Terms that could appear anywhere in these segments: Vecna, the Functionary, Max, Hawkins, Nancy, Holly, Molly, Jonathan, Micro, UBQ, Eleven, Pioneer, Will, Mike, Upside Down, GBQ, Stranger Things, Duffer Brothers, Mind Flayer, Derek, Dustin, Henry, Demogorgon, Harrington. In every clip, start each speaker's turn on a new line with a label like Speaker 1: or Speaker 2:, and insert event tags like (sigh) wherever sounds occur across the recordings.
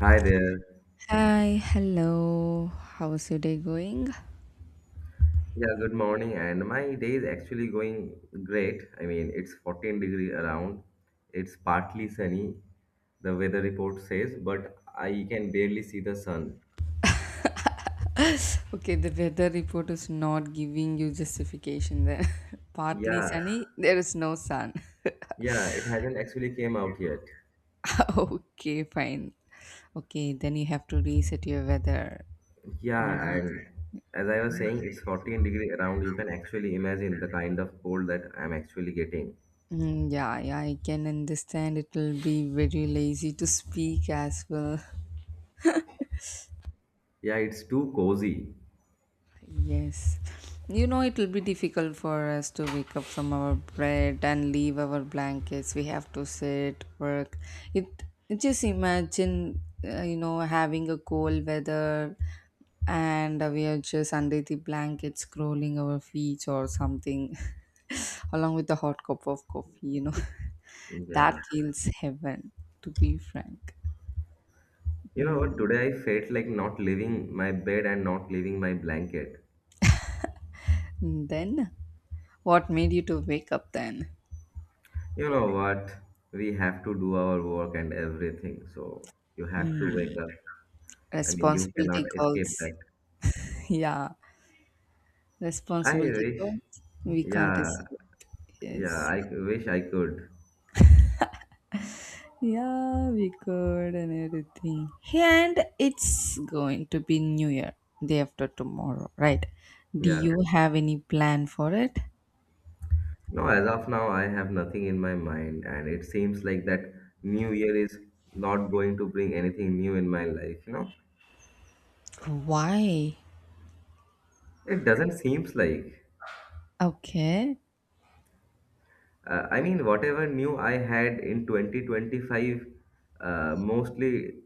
Speaker 1: Hi there.
Speaker 2: Hi, hello. How's your day going?
Speaker 1: Yeah, good morning. And my day is actually going great. I mean, it's 14-degree around. It's partly sunny, the weather report says, but I can barely see the sun.
Speaker 2: (laughs) Okay, the weather report is not giving you justification there. (laughs) Partly
Speaker 1: Yeah,
Speaker 2: sunny, there is no sun.
Speaker 1: yeah, it hasn't actually came out yet.
Speaker 2: (laughs) Okay, fine. Okay, then you have to reset your weather.
Speaker 1: Yeah,
Speaker 2: Mm,
Speaker 1: and as I was saying, it's 14-degree around. You can actually imagine the kind of cold that I'm actually getting.
Speaker 2: Yeah, yeah, I can understand it will be very lazy to speak as well.
Speaker 1: Yeah, it's too cozy.
Speaker 2: Yes. You know, it will be difficult for us to wake up from our bed and leave our blankets. We have to sit, work. It just imagine, having a cold weather, and we are just under the blanket scrolling our feet or something, (laughs) along with a hot cup of coffee. (laughs) That
Speaker 1: Yeah.
Speaker 2: feels heaven, to be frank.
Speaker 1: You know what?
Speaker 2: Mm.
Speaker 1: Today I felt like not leaving my bed and not leaving my blanket.
Speaker 2: Then, what made you to wake up then?
Speaker 1: You know what? We have to do our work and everything. So you have to
Speaker 2: Mm.
Speaker 1: wake up. I mean, you
Speaker 2: Responsibility
Speaker 1: cannot
Speaker 2: calls.
Speaker 1: escape that.
Speaker 2: (laughs) Yeah,
Speaker 1: I
Speaker 2: responsibility
Speaker 1: wish.
Speaker 2: calls. We can't
Speaker 1: Yeah,
Speaker 2: escape.
Speaker 1: yeah,
Speaker 2: Yes.
Speaker 1: I wish I could.
Speaker 2: Yeah, we could and everything. And it's going to be New Year, day after tomorrow, right? Do
Speaker 1: Yeah.
Speaker 2: you have any plan for it?
Speaker 1: No, as of now, I have nothing in my mind, and it seems like that New Year is not going to bring anything new in my life, you know?
Speaker 2: Why?
Speaker 1: It doesn't seems like.
Speaker 2: Okay.
Speaker 1: I mean, whatever new I had in 2025, mostly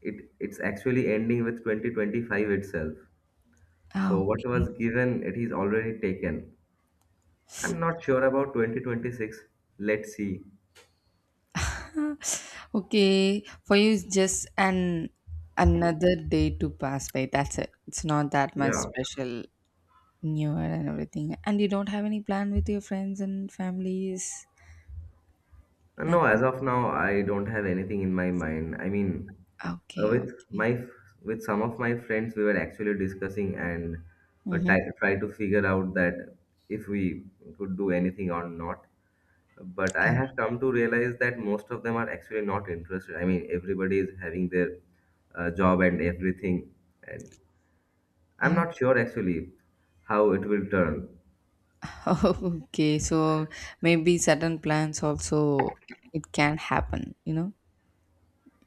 Speaker 1: it's actually ending with 2025 itself. So
Speaker 2: Oh.
Speaker 1: what was given, it is already taken. I'm not sure about 2026. Let's see.
Speaker 2: (laughs) Okay. For you, it's just an another day to pass by. That's it. It's not that much
Speaker 1: Yeah.
Speaker 2: special. New Year and everything. And you don't have any plan with your friends and families?
Speaker 1: No, as
Speaker 2: Nothing?
Speaker 1: of now, I don't have anything in my mind. I mean,
Speaker 2: Okay,
Speaker 1: with
Speaker 2: okay.
Speaker 1: with some of my friends, we were actually discussing and
Speaker 2: Mm-hmm.
Speaker 1: try to figure out that if we could do anything or not. But I have come to realize that most of them are actually not interested. I mean, everybody is having their job and everything. And I'm not sure actually how it will turn.
Speaker 2: (laughs) Okay, so maybe certain plans also it can happen, you know?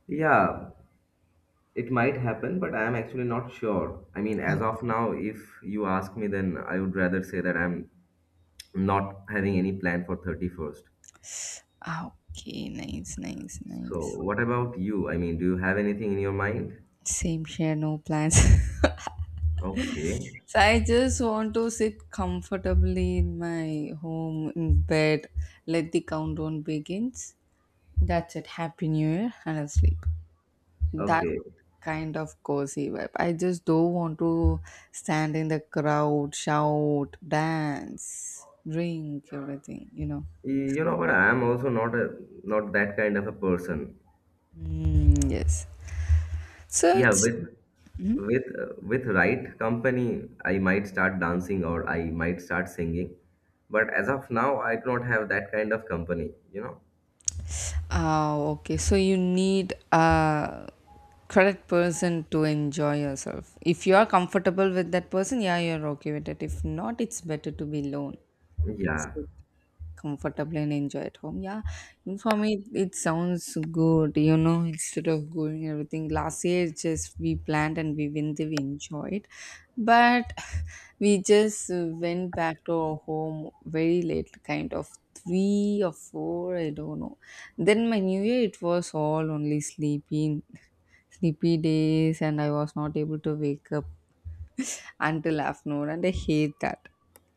Speaker 1: Yeah, it might happen, but I'm actually not sure. I mean, as of now, if you ask me, then I would rather say that I'm not having any plan for 31st.
Speaker 2: Okay, nice, nice,
Speaker 1: So,
Speaker 2: nice.
Speaker 1: what about you? I mean, do you have anything in your mind?
Speaker 2: Same here, no plans. (laughs)
Speaker 1: Okay.
Speaker 2: So I just want to sit comfortably in my home in bed, let the countdown begins. That's it. Happy New Year, and I'll sleep. That
Speaker 1: Okay.
Speaker 2: kind of cozy vibe. I just don't want to stand in the crowd, shout, dance, drink, everything.
Speaker 1: You know what? I am also not a not that kind of a person.
Speaker 2: Mm, yes. So
Speaker 1: Yeah,
Speaker 2: it's
Speaker 1: with
Speaker 2: Mhm.
Speaker 1: with right company, I might start dancing or I might start singing. But as of now, I do not have that kind of company, you know?
Speaker 2: Ah, okay. So you need a correct person to enjoy yourself. If you are comfortable with that person, yeah, you're okay with it. If not, it's better to be alone.
Speaker 1: Yeah.
Speaker 2: Comfortable and enjoy at home, yeah, and for me it sounds good, you know, instead of going everything. Last year it's just we planned and we went there, we enjoyed, but (sighs) we just went back to our home very late, kind of three or four, I don't know. Then my new year, it was all only sleepy days, and I was not able to wake up until afternoon, and I hate that.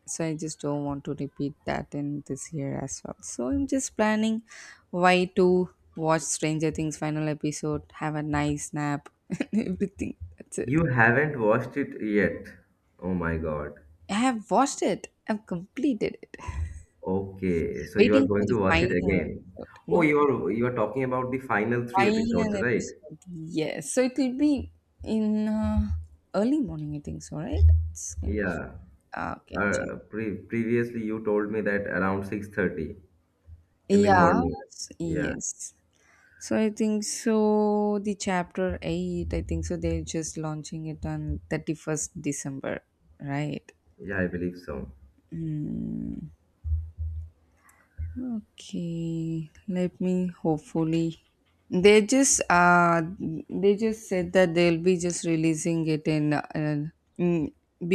Speaker 2: So I just don't want to repeat that in this year as well, so I'm just planning. Why to watch Stranger Things final episode, have a nice nap, (laughs) and everything. That's it.
Speaker 1: You haven't watched it yet. Oh my God.
Speaker 2: I have watched it, I've completed it,
Speaker 1: Okay, so you are
Speaker 2: waiting for
Speaker 1: going
Speaker 2: the
Speaker 1: to watch it
Speaker 2: final
Speaker 1: again.
Speaker 2: episode.
Speaker 1: Oh,
Speaker 2: No,
Speaker 1: you are talking about the final three
Speaker 2: final
Speaker 1: episodes, right?
Speaker 2: episode, yes. So it will be in early morning, I think so, right? It's kind of
Speaker 1: Yeah.
Speaker 2: okay, check.
Speaker 1: Previously you told me that around 6:30 in the
Speaker 2: Yeah,
Speaker 1: morning. Yeah.
Speaker 2: yes. So I think so the chapter 8, I think so they're just launching it on 31st December, right?
Speaker 1: Yeah, I believe so.
Speaker 2: Mm, okay, let me hopefully. They just they just said that they'll be just releasing it in mm,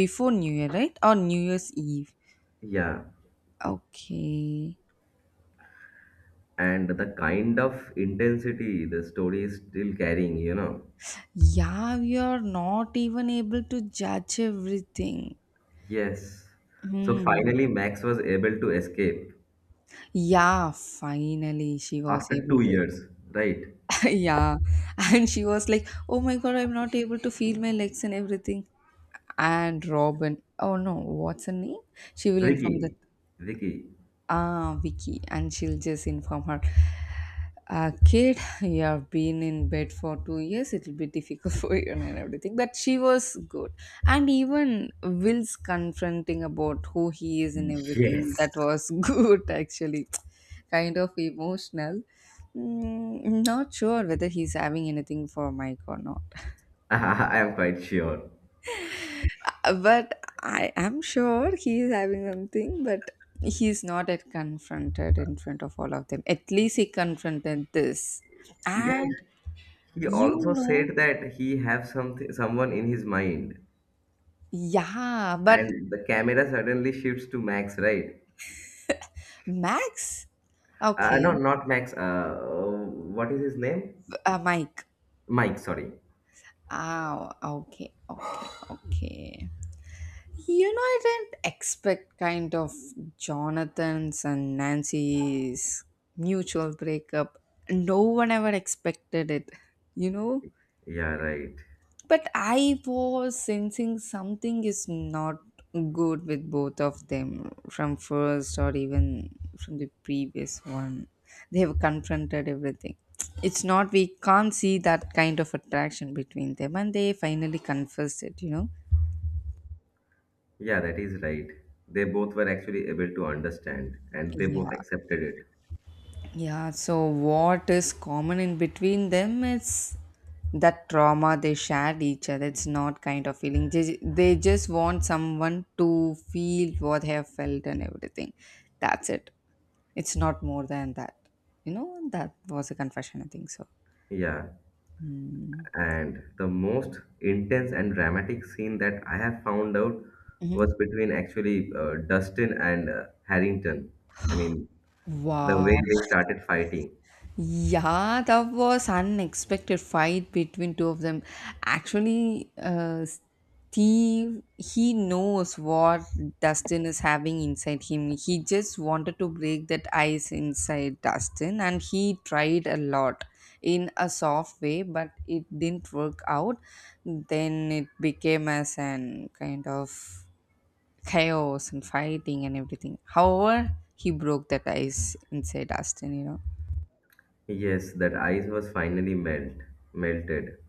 Speaker 2: before New Year, right? Or New Year's Eve,
Speaker 1: Yeah.
Speaker 2: okay.
Speaker 1: And the kind of intensity the story is still carrying, you know.
Speaker 2: Yeah, we are not even able to judge everything.
Speaker 1: Yes. So
Speaker 2: Hmm.
Speaker 1: finally, Max was able to escape
Speaker 2: Yeah, finally she was
Speaker 1: after
Speaker 2: able
Speaker 1: two
Speaker 2: to.
Speaker 1: years, right?
Speaker 2: (laughs) Yeah. And she was like, "Oh my god, I'm not able to feel my legs and everything." And Robin, oh no, what's her name? She will inform the
Speaker 1: Vicky, Vicky.
Speaker 2: Ah, Vicky, and she'll just inform her. "Uh, kid, you have been in bed for 2 years. It'll be difficult" (laughs) "for you and everything." But she was good, and even Will's confronting about who he is and everything.
Speaker 1: Yes.
Speaker 2: That was (laughs) good, actually. Kind of emotional. Mm, not sure whether he's having anything for Mike or not.
Speaker 1: (laughs) I am quite sure.
Speaker 2: But I am sure he is having something, but he's not yet confronted in front of all of them. At least he confronted this.
Speaker 1: Yeah,
Speaker 2: And
Speaker 1: he
Speaker 2: you
Speaker 1: also
Speaker 2: know,
Speaker 1: said that he have something, someone in his mind,
Speaker 2: yeah, but
Speaker 1: and the camera suddenly shifts to Max, right?
Speaker 2: Max,
Speaker 1: No,
Speaker 2: okay,
Speaker 1: not Max. What is his name?
Speaker 2: Mike,
Speaker 1: Mike. Sorry.
Speaker 2: oh, okay, okay, okay. You know, I didn't expect kind of Jonathan's and Nancy's mutual breakup. No one ever expected it, you know?
Speaker 1: Yeah, right.
Speaker 2: But I was sensing something is not good with both of them from first or even from the previous one. They have confronted everything. It's not, we can't see that kind of attraction between them, and they finally confessed it, you know?
Speaker 1: Yeah, that is right. They both were actually able to understand and they
Speaker 2: Yeah.
Speaker 1: both accepted it.
Speaker 2: Yeah, so what is common in between them is that trauma they shared each other. It's not kind of feeling. They just want someone to feel what they have felt and everything. That's it. It's not more than that. You know, that was a confession, I think so.
Speaker 1: Yeah,
Speaker 2: Hmm.
Speaker 1: and the most intense and dramatic scene that I have found out
Speaker 2: Mm-hmm.
Speaker 1: was between actually Dustin and Harrington. I mean, the way
Speaker 2: Wow.
Speaker 1: they started fighting.
Speaker 2: Yeah, that was unexpected fight between two of them. Actually, Steve, he knows what Dustin is having inside him. He just wanted to break that ice inside Dustin, and he tried a lot in a soft way, but it didn't work out. Then it became as an kind of chaos and fighting and everything. However, he broke that ice inside Dustin. You know.
Speaker 1: Yes, that ice was finally melted.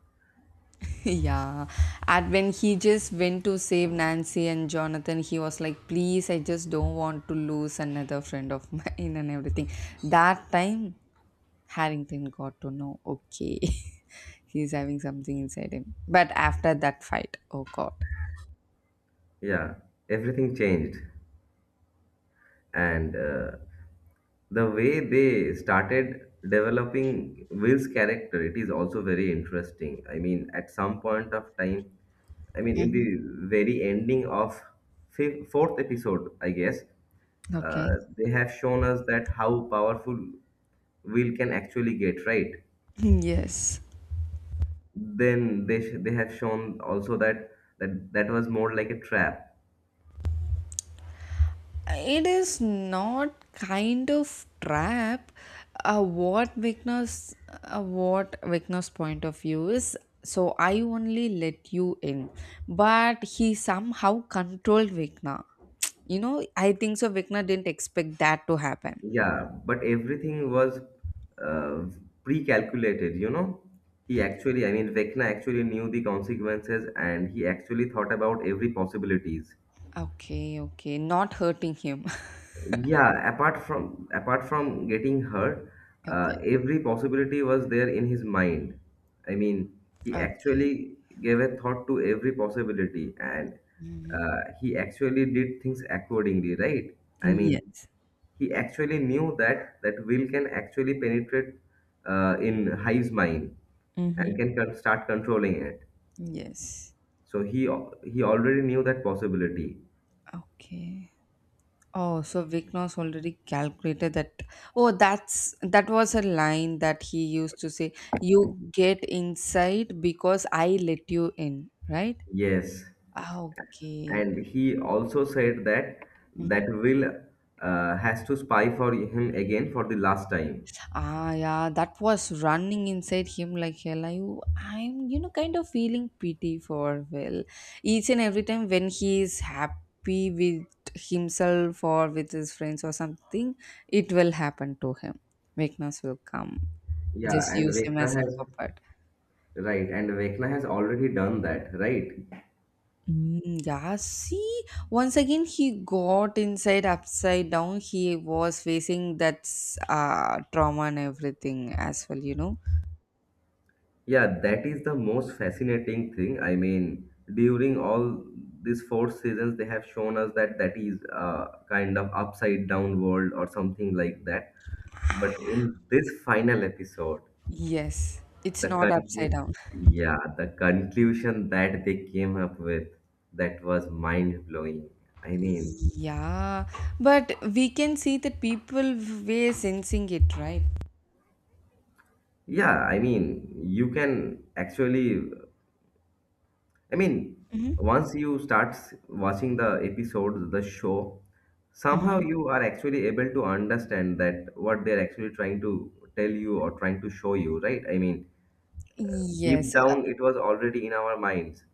Speaker 2: (laughs) Yeah, and when he just went to save Nancy and Jonathan, he was like, "Please, I just don't want to lose another friend of mine (laughs) and everything." That time, Harrington got to know, okay, (laughs) he's having something inside him. But after that fight, oh god.
Speaker 1: Yeah, everything changed. And the way they started developing Will's character, it is also very interesting. I mean, at some point of time, I mean, in the
Speaker 2: Mhm.
Speaker 1: very ending of fourth episode I guess,
Speaker 2: Okay.
Speaker 1: they have shown us that how powerful Will can actually get, right?
Speaker 2: (laughs) Yes.
Speaker 1: Then they have shown also that that was more like a trap.
Speaker 2: It is not kind of trap. Uh, what Vikna's uh, what Vikna's point of view is, so I only let you in, but he somehow controlled Vikna. You know, I think so Vikna didn't expect that to happen.
Speaker 1: Yeah, but everything was uh, pre-calculated, you know. He actually, I mean, Vecna actually knew the consequences and he actually thought about every possibilities.
Speaker 2: Okay, okay, not hurting him.
Speaker 1: Yeah, apart from getting hurt,
Speaker 2: (laughs) Okay,
Speaker 1: every possibility was there in his mind. I mean, he
Speaker 2: okay.
Speaker 1: actually gave a thought to every possibility and
Speaker 2: Mhm.
Speaker 1: he actually did things accordingly, right? I mean,
Speaker 2: Yes.
Speaker 1: he actually knew that Will can actually penetrate in hive's mind and
Speaker 2: Hmm.
Speaker 1: start controlling it,
Speaker 2: Yes.
Speaker 1: so he already knew that possibility.
Speaker 2: Okay. Oh, so Viknos already calculated that. Oh, that's that was a line that he used to say, "You get inside because I let you in", right?
Speaker 1: Yes,
Speaker 2: Ah, okay.
Speaker 1: and he also said that
Speaker 2: Mm-hmm.
Speaker 1: Will has to spy for him again for the last time.
Speaker 2: Ah, yeah, that was running inside him like hell. I'm kind of feeling pity for Will. Each and every time when he is happy with himself or with his friends or something, it will happen to him. Weakness will come.
Speaker 1: Yeah,
Speaker 2: Just
Speaker 1: and
Speaker 2: use him
Speaker 1: Vekla
Speaker 2: as a
Speaker 1: has
Speaker 2: puppet.
Speaker 1: right, and Vekla has already done that, right?
Speaker 2: Mm, yeah, see, once again he got inside upside down. He was facing that trauma and everything as well, you know.
Speaker 1: Yeah, that is the most fascinating thing. I mean, during all these 4 seasons, they have shown us that that is a kind of upside down world or something like that. But in this final episode,
Speaker 2: Yes, it's
Speaker 1: the
Speaker 2: not
Speaker 1: country,
Speaker 2: upside down.
Speaker 1: yeah, the conclusion that they came up with, that was mind blowing. I mean,
Speaker 2: Yeah, but we can see that people were sensing it, right?
Speaker 1: yeah, I mean, you can actually, I mean,
Speaker 2: Mm-hmm.
Speaker 1: once you watching the episodes, the show, somehow
Speaker 2: Mm-hmm.
Speaker 1: you are actually able to understand that what they're actually trying to tell you or trying to show you, right? I mean,
Speaker 2: Yes.
Speaker 1: deep down, it was already in our minds.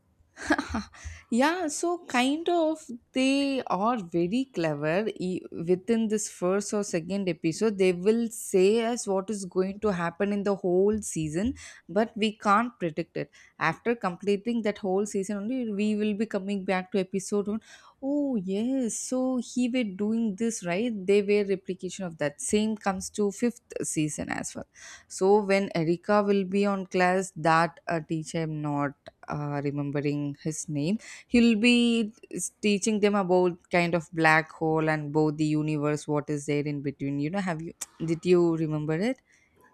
Speaker 2: Yeah, so kind of they are very clever. Within this first or second episode, they will say us what is going to happen in the whole season, but we can't predict it. After completing that whole season, only we will be coming back to episode one. Oh yes, so he were doing this right. They were replication of that. Same comes to fifth season as well. So when Erika will be on class, that teacher, I'm not remembering his name, he'll be teaching them about kind of black hole and both the universe, what is there in between, you know. Have you, did you remember it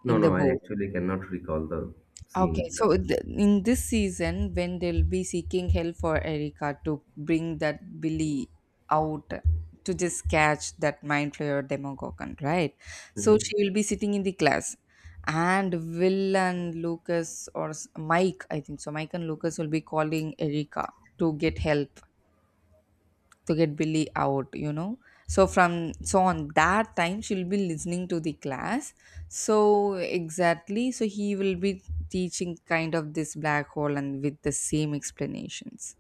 Speaker 1: No,
Speaker 2: in the
Speaker 1: no, I
Speaker 2: book?
Speaker 1: actually cannot recall the scene
Speaker 2: Okay, so
Speaker 1: itself.
Speaker 2: in this season when they'll be seeking help for Erica to bring that Billy out, to just catch that mind flayer demogorgon, right? So
Speaker 1: Mhm.
Speaker 2: she will be sitting in the class, and Will and Lucas, or Mike, I think so Mike and Lucas will be calling Erica to get help, to get Billy out, you know. So from so on that time she'll be listening to the class. So exactly, so he will be teaching kind of this black hole and with the same explanations.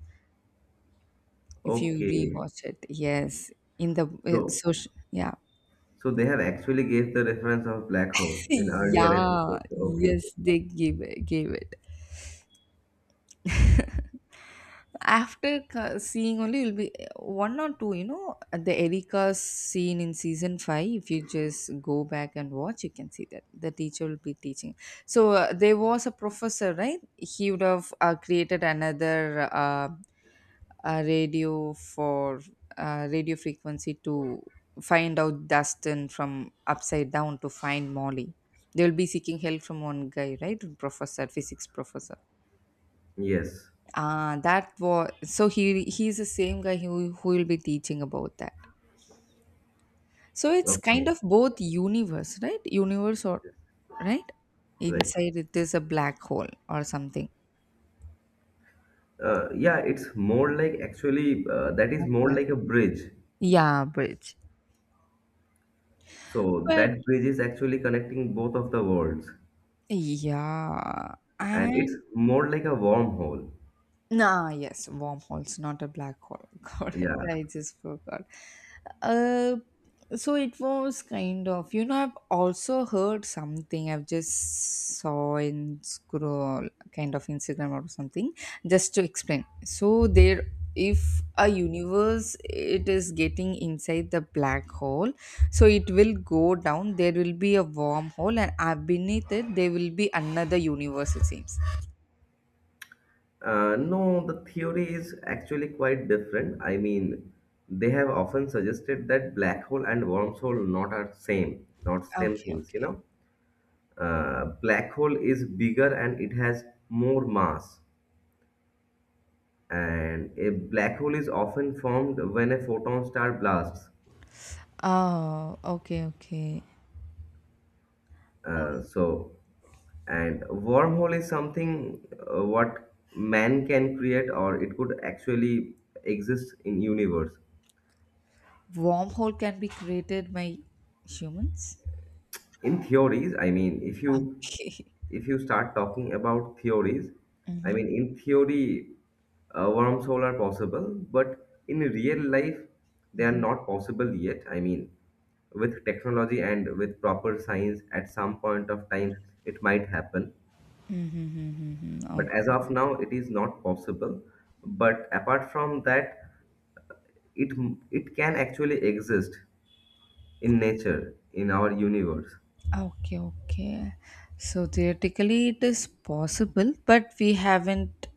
Speaker 2: If you
Speaker 1: Okay,
Speaker 2: rewatch it, yes, in the
Speaker 1: so
Speaker 2: social, yeah,
Speaker 1: so they have actually gave the reference of black hole
Speaker 2: (laughs)
Speaker 1: in earlier
Speaker 2: yeah,
Speaker 1: episodes. Okay,
Speaker 2: yes, they gave it, gave it. (laughs) After seeing only, will be one or two. You know the Erica's scene in season five. If you just go back and watch, you can see that the teacher will be teaching. So there was a professor, right? He would have created another radio for radio frequency to find out Dustin from upside down to find Molly. They will be seeking help from one guy, right? Professor, physics professor.
Speaker 1: yes,
Speaker 2: Ah, that was so he, he's the same guy who will be teaching about that. So it's kind
Speaker 1: okay,
Speaker 2: of both universe, right? Universe or right?
Speaker 1: right.
Speaker 2: Inside it is a black hole or something.
Speaker 1: Yeah, it's more like actually that is
Speaker 2: Not
Speaker 1: more
Speaker 2: black.
Speaker 1: like a bridge.
Speaker 2: Yeah, bridge.
Speaker 1: So
Speaker 2: But
Speaker 1: that bridge is actually connecting both of the worlds,
Speaker 2: yeah,
Speaker 1: and it's
Speaker 2: and
Speaker 1: more like a wormhole.
Speaker 2: Nah, yes, wormholes, not a black hole. (laughs) Got it.
Speaker 1: Yeah.
Speaker 2: I just forgot. Uh, so it was kind of, you know, I've also heard something. I've just saw in scroll kind of Instagram or something. Just to explain, so there, if a universe it is getting inside the black hole, so it will go down. There will be a wormhole, and beneath it there will be another universe. It seems.
Speaker 1: No, the theory is actually quite different. I mean, they have often suggested that black hole and wormhole not are same, not same
Speaker 2: Okay.
Speaker 1: things, you
Speaker 2: Okay.
Speaker 1: know. Black hole is bigger and it has more mass, and a black hole is often formed when a photon star blasts.
Speaker 2: Oh, okay, okay. Oh.
Speaker 1: Uh, so, and wormhole is something what man can create, or it could actually exist in universe.
Speaker 2: Wormhole can be created by humans?
Speaker 1: In theories, I mean, if you,
Speaker 2: (laughs)
Speaker 1: if you start talking about theories, I
Speaker 2: Mm-hmm.
Speaker 1: mean, in theory, wormhole are possible, but in real life, they are not possible yet. I mean, with technology and with proper science, at some point of time, it might happen.
Speaker 2: Mm-hmm.
Speaker 1: But as
Speaker 2: Okay.
Speaker 1: of now it is not possible, but apart from that, it it can actually exist in nature in our universe.
Speaker 2: Okay, okay. So theoretically it is possible, but we haven't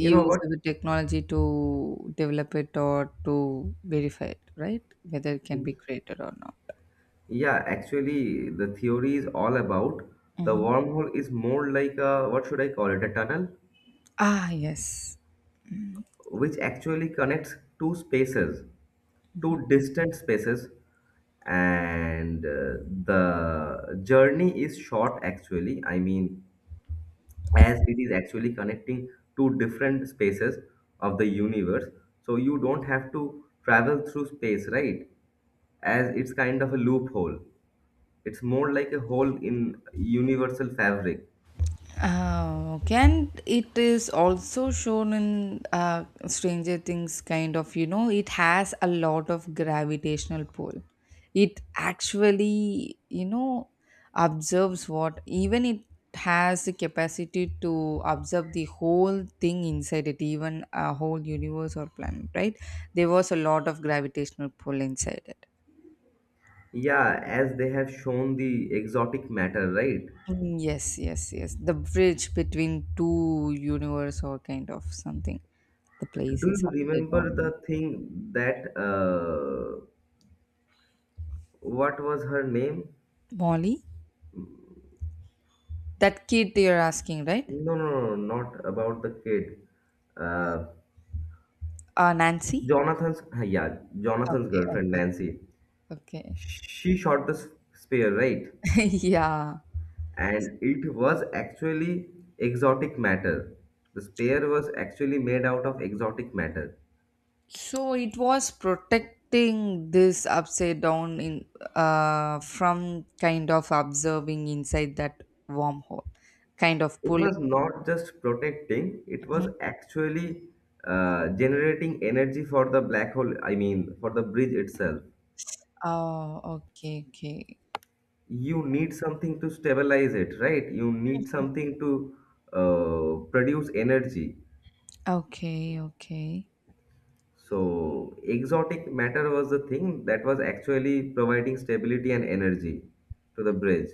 Speaker 1: You know what?
Speaker 2: the technology to develop it or to verify it, right? Whether it can be created or not.
Speaker 1: Yeah, actually the theory is all about the
Speaker 2: Mm-hmm.
Speaker 1: wormhole is more like a, what should I call it, a tunnel
Speaker 2: Ah, yes.
Speaker 1: which actually connects two spaces, two distant spaces, and the journey is short actually. I mean, as it is actually connecting two different spaces of the universe. So you don't have to travel through space, right? As it's kind of a loophole. It's more like a hole in universal fabric.
Speaker 2: Oh, okay. And it is also shown in Stranger Things, kind of, it has a lot of gravitational pull. It actually, observes what, even it has the capacity to observe the whole thing inside it, even a whole universe or planet, right? There was a lot of gravitational pull inside it.
Speaker 1: Yeah, as they have shown the exotic matter, right?
Speaker 2: Mm, yes, yes, yes. The bridge between two universe or kind of something. The place
Speaker 1: Do
Speaker 2: is
Speaker 1: you
Speaker 2: upside
Speaker 1: remember
Speaker 2: down.
Speaker 1: the thing that what was her name?
Speaker 2: Molly? That kid you're asking, right?
Speaker 1: No, no, no, no, not about the kid. Uh,
Speaker 2: Nancy?
Speaker 1: Jonathan's, yeah, Jonathan's
Speaker 2: Okay,
Speaker 1: girlfriend,
Speaker 2: okay,
Speaker 1: Nancy.
Speaker 2: okay.
Speaker 1: She shot the spear, right?
Speaker 2: (laughs) Yeah.
Speaker 1: And it was actually exotic matter. The spear was actually made out of exotic matter.
Speaker 2: So it was protecting this upside down in, from kind of observing inside that wormhole, kind of
Speaker 1: It
Speaker 2: pulling.
Speaker 1: was not just protecting, it was
Speaker 2: Mhm.
Speaker 1: actually generating energy for the black hole, I mean for the bridge itself.
Speaker 2: Oh, okay, okay,
Speaker 1: You need something to stabilize it, right? You need something to produce energy.
Speaker 2: okay, okay.
Speaker 1: So, exotic matter was the thing that was actually providing stability and energy to the bridge.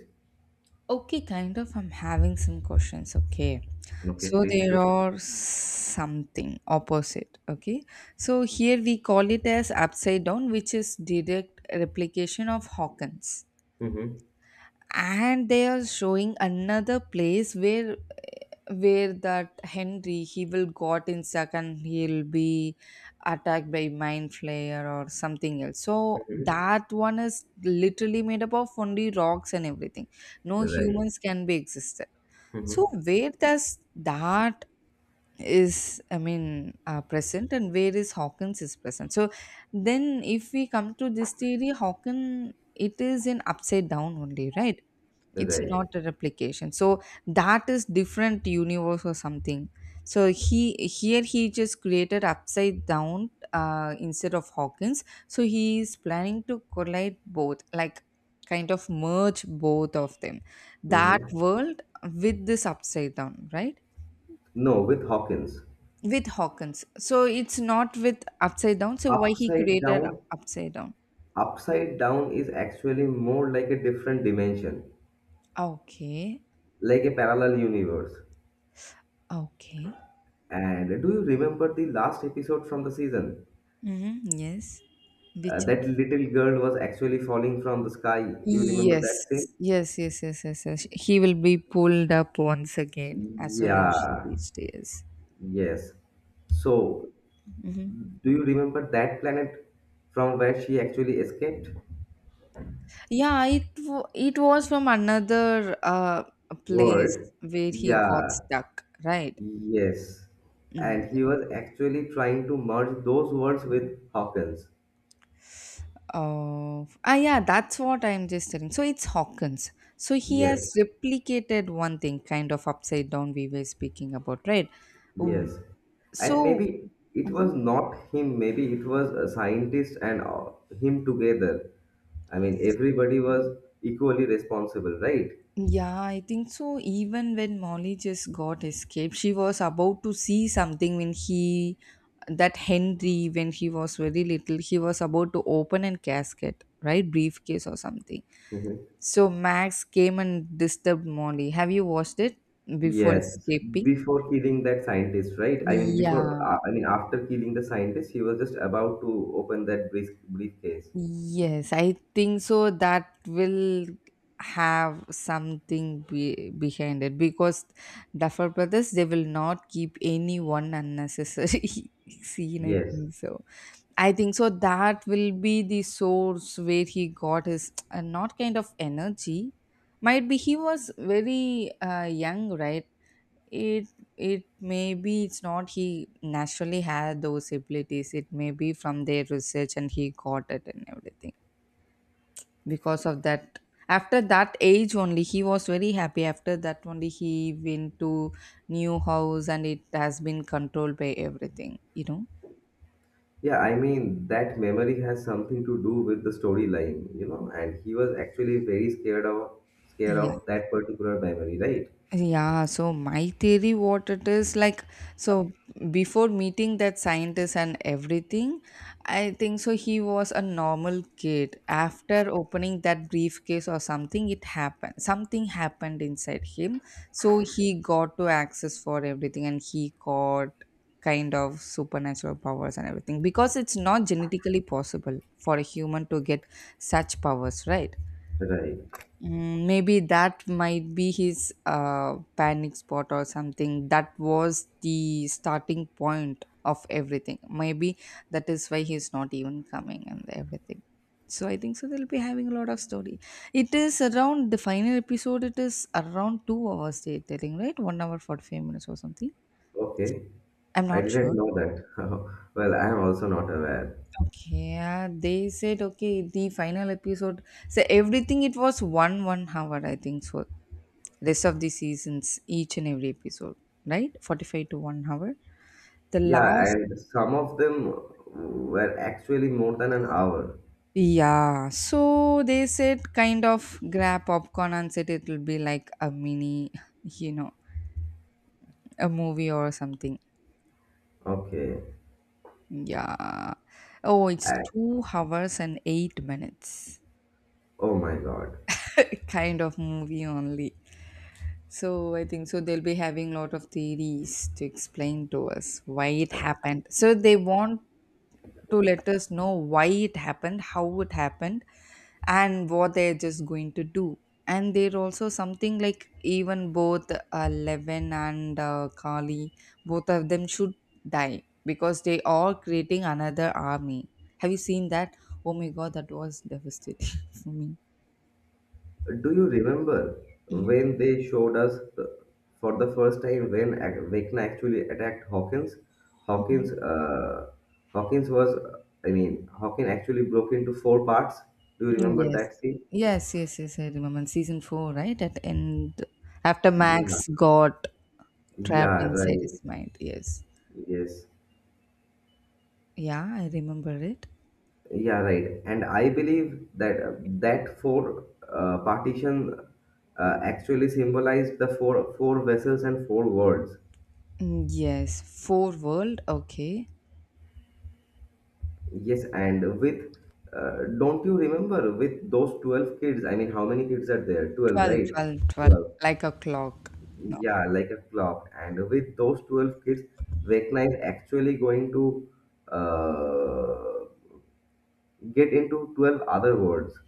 Speaker 2: Okay, kind of. I'm having some questions. Okay.
Speaker 1: Okay,
Speaker 2: So
Speaker 1: please
Speaker 2: there
Speaker 1: shoot.
Speaker 2: are something opposite. Okay. So here we call it as upside down, which is direct replication of Hawkins.
Speaker 1: Mm-hmm.
Speaker 2: And they are showing another place where that Henry he will got in stuck and he'll be attacked by mind flayer or something else. So
Speaker 1: Mm-hmm.
Speaker 2: that one is literally made up of only rocks and everything. No
Speaker 1: Right.
Speaker 2: humans can be existed, so
Speaker 1: Mm-hmm.
Speaker 2: where does that is, I mean, present, and where is Hawkins is present? So then if we come to this theory, Hawkins, it is an upside down only, right? It's not
Speaker 1: Right.
Speaker 2: a replication, so that is different universe or something. So he here he just created upside down, instead of Hawkins. So he is planning to collide both, like kind of merge both of them, that
Speaker 1: Mm-hmm.
Speaker 2: world with this upside down, right?
Speaker 1: No, with Hawkins,
Speaker 2: With Hawkins, so it's not with upside down. So why he
Speaker 1: upside
Speaker 2: created
Speaker 1: down,
Speaker 2: upside down?
Speaker 1: upside down is actually more like a different dimension,
Speaker 2: Okay,
Speaker 1: like a parallel universe.
Speaker 2: okay.
Speaker 1: And do you remember the last episode from the season?
Speaker 2: Hmm, yes. Which.
Speaker 1: That little girl was actually falling from the sky. Do you remember
Speaker 2: Yes,
Speaker 1: that scene?
Speaker 2: yes, yes, yes, yes, yes. He will be pulled up once again as soon as she
Speaker 1: Yeah,
Speaker 2: reached. Yes.
Speaker 1: yes. So,
Speaker 2: Hmm.
Speaker 1: do you remember that planet from where she actually escaped?
Speaker 2: Yeah, it was from another place
Speaker 1: World?
Speaker 2: where he got
Speaker 1: Yeah.
Speaker 2: stuck, right?
Speaker 1: Yes.
Speaker 2: Mm.
Speaker 1: And he was actually trying to merge those worlds with Hawkins.
Speaker 2: Oh, ah, yeah, that's what I'm just telling. So it's Hawkins. So he has
Speaker 1: Yes.
Speaker 2: replicated one thing, kind of upside down. We were speaking about, right? Oh,
Speaker 1: Yes. And
Speaker 2: so.
Speaker 1: maybe it was not him, maybe it was a scientist and him together. I mean, everybody was equally responsible, right?
Speaker 2: Yeah, I think so. Even when Molly just got escaped, she was about to see something when he, that Henry, when he was very little, he was about to open a casket, right? Briefcase or something.
Speaker 1: Hmm.
Speaker 2: So Max came and disturbed Molly. Have you watched it before
Speaker 1: Yes,
Speaker 2: escaping?
Speaker 1: before killing that scientist, right? I mean, before,
Speaker 2: Yeah,
Speaker 1: I mean, after killing the scientist, he was just about to open that briefcase.
Speaker 2: yes, I think so. That will have something behind it because Duffer Brothers they will not keep anyone unnecessary (laughs) scene. I
Speaker 1: Yes.
Speaker 2: think so. I think so. That will be the source where he got his, not kind of energy. Might be he was very young, right? It it maybe it's not he naturally had those abilities. It may be from their research and he got it and everything because of that. After that age only he was very happy. After that only he went to new house and it has been controlled by everything.
Speaker 1: Yeah, I mean, that memory has something to do with the storyline, you know, and he was actually very scared
Speaker 2: Yeah.
Speaker 1: of that particular memory, right?
Speaker 2: Yeah, so my theory what it is like, so before meeting that scientist and everything, I think so he was a normal kid. After opening that briefcase or something, it happened. Something happened inside him. So he got to access for everything and he got kind of supernatural powers and everything because it's not genetically possible for a human to get such powers, right?
Speaker 1: Right.
Speaker 2: Mm, maybe that might be his panic spot or something. That was the starting point of everything. Maybe that is why he's not even coming and everything. So I think so they'll be having a lot of story. It is around the final episode. It is around 2 hours they're telling, right? 1 hour 45 minutes or something.
Speaker 1: Okay.
Speaker 2: I'm
Speaker 1: I
Speaker 2: not sure.
Speaker 1: didn't know that. (laughs) Well, I am also not aware.
Speaker 2: Okay, yeah, they said okay. The final episode. So everything it was one hour, I think so. Rest of the seasons, each and every episode, right? 45 to 1 hour. The
Speaker 1: Yeah,
Speaker 2: last.
Speaker 1: and some of them were actually more than an hour.
Speaker 2: Yeah, so they said kind of grab popcorn and said it will be like a mini, you know a movie or something.
Speaker 1: Okay.
Speaker 2: Yeah. Oh, it's
Speaker 1: And,
Speaker 2: 2 hours and 8 minutes.
Speaker 1: oh my God.
Speaker 2: (laughs) Kind of movie only. So I think so they'll be having lot of theories to explain to us why it happened. So they want to let us know why it happened, how it happened, and what they're just going to do. And they're also something like even both, Levin and Kali, both of them should die because they are creating another army. Have you seen that? Oh my god, that was devastating (laughs) for me.
Speaker 1: Do you remember
Speaker 2: Mhm,
Speaker 1: when they showed us the, for the first time when Vecna actually attacked Hawkins?
Speaker 2: mhm.
Speaker 1: Hawkins, uh, Hawkins was, I mean, Hawkins actually broke into 4 parts. Do you
Speaker 2: Mm,
Speaker 1: remember
Speaker 2: yes.
Speaker 1: that scene?
Speaker 2: Yes, yes, yes, I remember. In season 4, right? At end after
Speaker 1: Yeah,
Speaker 2: Max got trapped
Speaker 1: yeah,
Speaker 2: inside his
Speaker 1: right.
Speaker 2: mind. Yes.
Speaker 1: Yes,
Speaker 2: Yeah, I remember it.
Speaker 1: yeah, right. And I believe that that 4 partition actually symbolized the 4 vessels and 4 worlds.
Speaker 2: Mm, yes, four world. Okay,
Speaker 1: Yes, and with don't you remember with those 12 kids? I mean, how many kids are there? 12,
Speaker 2: 12,
Speaker 1: right?
Speaker 2: 12, 12.
Speaker 1: 12.
Speaker 2: Like a clock. No.
Speaker 1: Yeah, like a clock. And with those 12 kids, Vecna is actually going to uh, get into 12 other worlds.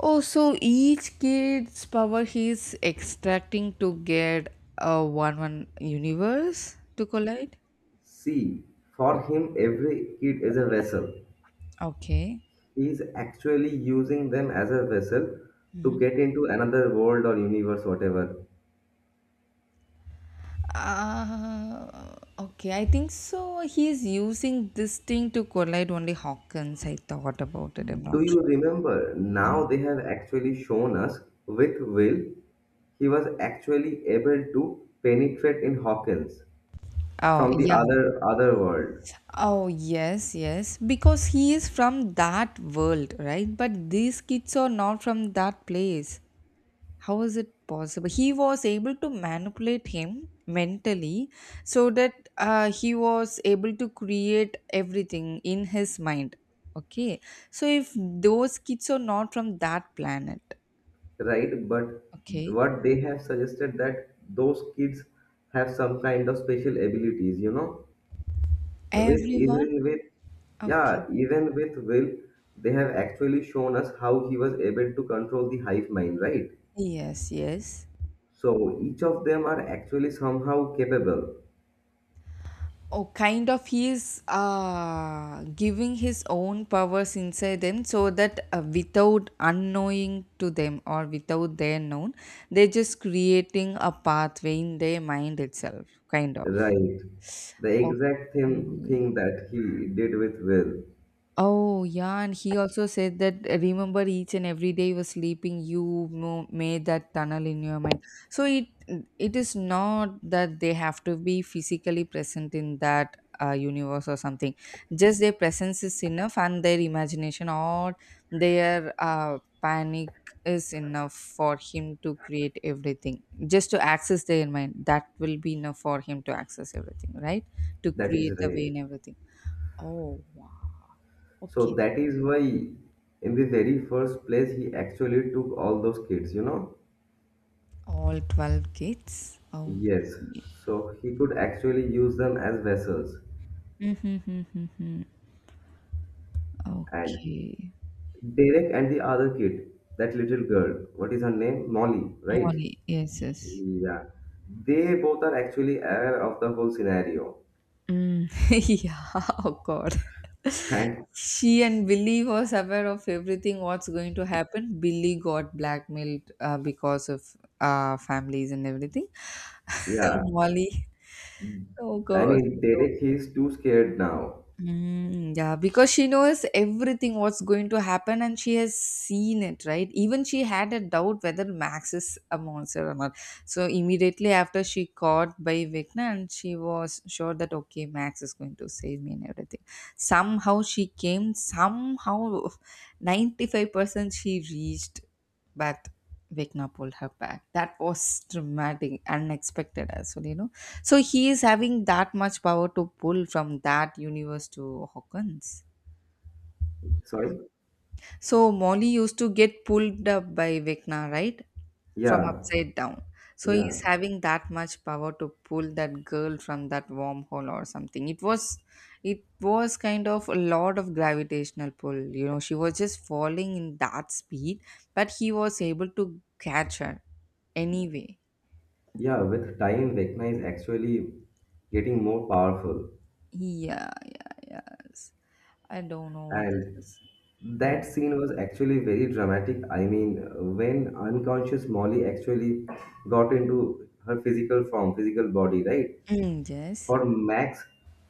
Speaker 2: Oh, so each kid's power he's extracting to get a one universe to collide.
Speaker 1: See, for him, every kid is a vessel.
Speaker 2: Okay.
Speaker 1: He is actually using them as a vessel to
Speaker 2: Mhm.
Speaker 1: get into another world or universe, whatever.
Speaker 2: Okay, I think so. He's using this thing to collide only Hawkins. I thought about it. I'm
Speaker 1: Do
Speaker 2: not
Speaker 1: you
Speaker 2: sure.
Speaker 1: remember now they have actually shown us with Will, he was actually able to penetrate in Hawkins
Speaker 2: Oh,
Speaker 1: from the
Speaker 2: yeah.
Speaker 1: other world,
Speaker 2: Oh, yes, yes, because he is from that world, right? But these kids are not from that place. How is it possible? He was able to manipulate him mentally so that, he was able to create everything in his mind. Okay, so if those kids are not from that planet,
Speaker 1: right? But
Speaker 2: okay,
Speaker 1: what they have suggested that those kids have some kind of special abilities, you know? With
Speaker 2: everyone,
Speaker 1: even with Yeah,
Speaker 2: okay,
Speaker 1: even with Will, they have actually shown us how he was able to control the hive mind, right?
Speaker 2: yes, yes.
Speaker 1: So each of them are actually somehow capable.
Speaker 2: Oh, kind of he's giving his own powers inside them so that, without unknowing to them or without their known, they're just creating a pathway in their mind itself, kind of.
Speaker 1: Right. The exact
Speaker 2: Okay.
Speaker 1: thing that he did with Will.
Speaker 2: Oh, yeah. And he also said that, remember each and every day you were sleeping, you made that tunnel in your mind. So it is not that they have to be physically present in that, universe or something. Just their presence is enough, and their imagination or their, panic is enough for him to create everything. Just to access their mind, that will be enough for him to access everything, right? To
Speaker 1: That is
Speaker 2: create the way
Speaker 1: right.
Speaker 2: and everything. Oh, wow. Okay.
Speaker 1: So that is why, in the very first place, he actually took all those kids, you know?
Speaker 2: All 12 kids. Oh.
Speaker 1: Yes. So he could actually use them as vessels.
Speaker 2: Mm-hmm.
Speaker 1: And
Speaker 2: Okay.
Speaker 1: Derek and the other kid, that little girl, what is her name? Molly, right?
Speaker 2: Molly. Yes, yes.
Speaker 1: Yeah. They both are actually aware of the whole scenario.
Speaker 2: Mm. (laughs) Yeah. Oh God.
Speaker 1: And
Speaker 2: She and Billy was aware of everything what's going to happen. Billy got blackmailed, because of, families and everything.
Speaker 1: yeah,
Speaker 2: (laughs) Molly. Oh
Speaker 1: I
Speaker 2: God.
Speaker 1: mean, Derek, he's too scared now.
Speaker 2: Mm, yeah, because she knows everything what's going to happen and she has seen it, right? Even she had a doubt whether Max is a monster or not. So immediately after she caught by Vecna and she was sure that okay, Max is going to save me and everything. Somehow she came, somehow 95% she reached, but Vecna pulled her back. That was dramatic, unexpected as well. So he is having that much power to pull from that universe to Hawkins.
Speaker 1: Sorry?
Speaker 2: So Molly used to get pulled up by Vecna, right? From
Speaker 1: Yeah,
Speaker 2: upside down. So he's
Speaker 1: yeah,
Speaker 2: having that much power to pull that girl from that wormhole or something. It was kind of a lot of gravitational pull. She was just falling in that speed, but he was able to catch her anyway.
Speaker 1: yeah. With time, Vecna is actually getting more powerful.
Speaker 2: Yeah, yeah, yes. I don't know what this
Speaker 1: And
Speaker 2: is.
Speaker 1: that
Speaker 2: Hmm.
Speaker 1: scene was actually very dramatic. I mean, when unconscious Molly actually got into her physical form, physical body, right?
Speaker 2: Mm, yes.
Speaker 1: For Max,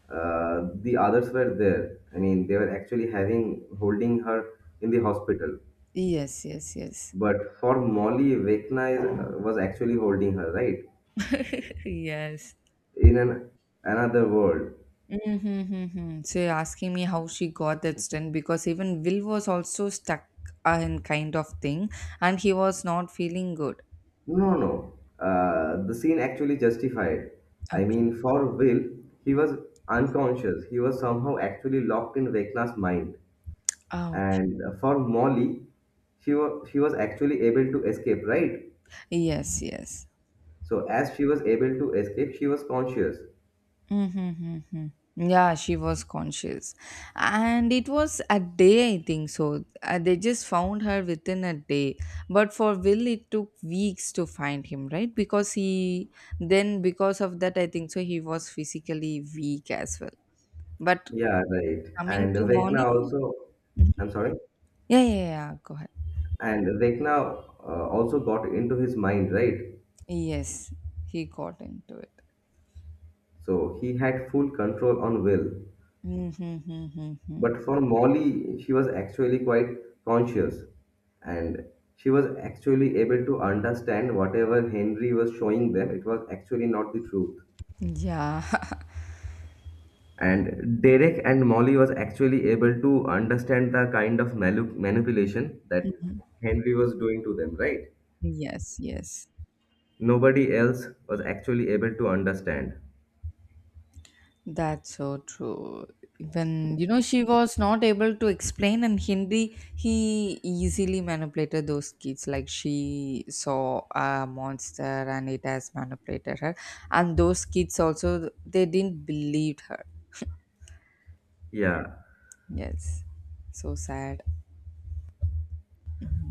Speaker 1: the others were there. I mean, they were actually having holding her in the hospital.
Speaker 2: Yes, yes, yes.
Speaker 1: But for Molly, Vecna was actually holding her, right?
Speaker 2: (laughs) Yes.
Speaker 1: In an another world.
Speaker 2: Mm-hmm. So you're asking me how she got that stint because even Will was also stuck, in kind of thing, and he was not feeling good.
Speaker 1: No, no, no. The scene actually justified. I
Speaker 2: Okay.
Speaker 1: mean, for Will, he was unconscious. He was somehow actually locked in Vecna's mind.
Speaker 2: Oh,
Speaker 1: And for Molly, she was actually able to escape, right?
Speaker 2: yes, yes.
Speaker 1: So as she was able to escape, she was conscious.
Speaker 2: Mm-hmm. Mm-hmm. Yeah, she was conscious. And it was a day, I think so. They just found her within a day. But for Will, it took weeks to find him, right? Because he, then because of that, I think so, he was physically weak as well. But
Speaker 1: Yeah, right.
Speaker 2: coming
Speaker 1: And
Speaker 2: to
Speaker 1: Vecna
Speaker 2: Molly,
Speaker 1: also. I'm sorry.
Speaker 2: yeah, yeah, yeah, go ahead.
Speaker 1: And Vecna also got into his mind, right?
Speaker 2: Yes, he got into it.
Speaker 1: So he had full control on Will.
Speaker 2: Mm-hmm. Mm-hmm, mm-hmm.
Speaker 1: But for Molly, she was actually quite conscious and she was actually able to understand whatever Henry was showing them, it was actually not the truth.
Speaker 2: Yeah,
Speaker 1: And Derek and Molly was actually able to understand the kind of manipulation that Henry was doing to them, right?
Speaker 2: (laughs) yes, yes.
Speaker 1: Nobody else was actually able to understand.
Speaker 2: That's so true. Even, she was not able to explain in Hindi, he easily manipulated those kids. Like she saw a monster and it has manipulated her. And those kids also, they didn't believe her.
Speaker 1: Yeah,
Speaker 2: Yes. So sad.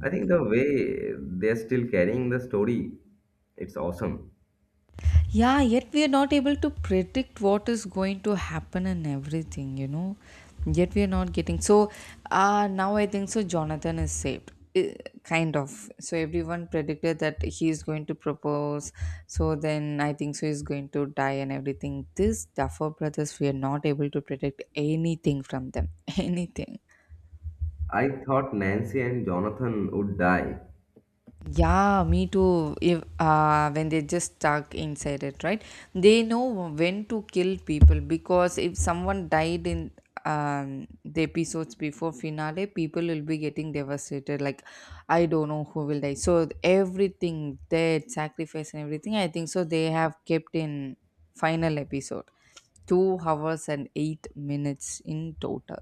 Speaker 1: I think the way they're still carrying the story, it's awesome.
Speaker 2: Yeah, yet we are not able to predict what is going to happen and everything. Yet we are not getting so. Now I think so, Jonathan is saved, eh, kind of. So everyone predicted that he is going to propose. So then I think so he's going to die and everything. This Duffer brothers, we are not able to predict anything from them. (laughs) Anything.
Speaker 1: I thought Nancy and Jonathan would die.
Speaker 2: Yeah, me too. If when they just stuck inside it, right? They know when to kill people because if someone died in, the episodes before finale, people will be getting devastated. Like, I don't know who will die. So everything, death, sacrifice, and everything, I think so. They have kept in final episode 2 hours and 8 minutes in total.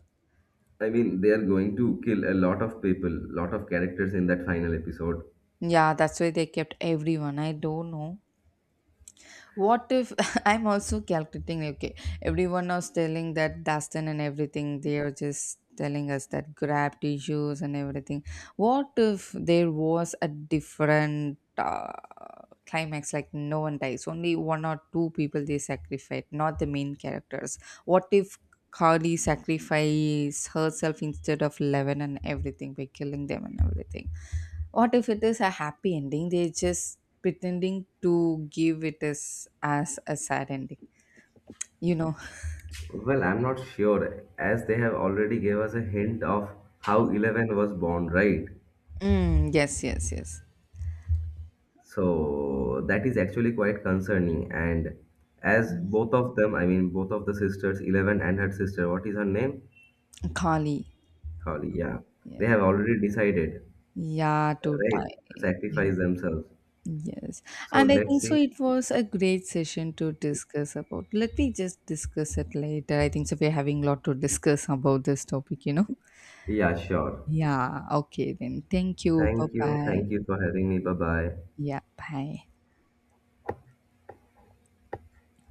Speaker 1: I mean, they are going to kill a lot of people, lot of characters in that final episode.
Speaker 2: Yeah, that's why they kept everyone. I don't know what if (laughs) I'm also calculating. Okay, everyone was telling that Dustin and everything, they are just telling us that grab tissues and everything. What if there was a different, climax like no one dies, only one or two people they sacrifice, not the main characters? What if Carly sacrifices herself instead of Eleven and everything by killing them and everything? What if it is a happy ending? They're just pretending to give it as a sad ending. You know.
Speaker 1: Well, I'm not sure, as they have already gave us a hint of how Eleven was born, right?
Speaker 2: Mm, yes, yes, yes.
Speaker 1: So that is actually quite concerning. And as
Speaker 2: Mm.
Speaker 1: both of them, I mean, both of the sisters, Eleven and her sister, what is her name?
Speaker 2: Kali.
Speaker 1: Holly. Yeah, they
Speaker 2: Yeah.
Speaker 1: have already decided,
Speaker 2: Yeah, to
Speaker 1: right,
Speaker 2: time.
Speaker 1: to
Speaker 2: Yeah.
Speaker 1: sacrifice themselves.
Speaker 2: Yes.
Speaker 1: So
Speaker 2: And I
Speaker 1: let's
Speaker 2: think so
Speaker 1: see.
Speaker 2: it was a great session to discuss about. Let me just discuss it later. I think so we're having a lot to discuss about this topic.
Speaker 1: Yeah, sure.
Speaker 2: Yeah, okay then. Thank you. Bye
Speaker 1: Thank you.
Speaker 2: bye.
Speaker 1: Thank you for having me. Bye bye.
Speaker 2: Yeah, bye.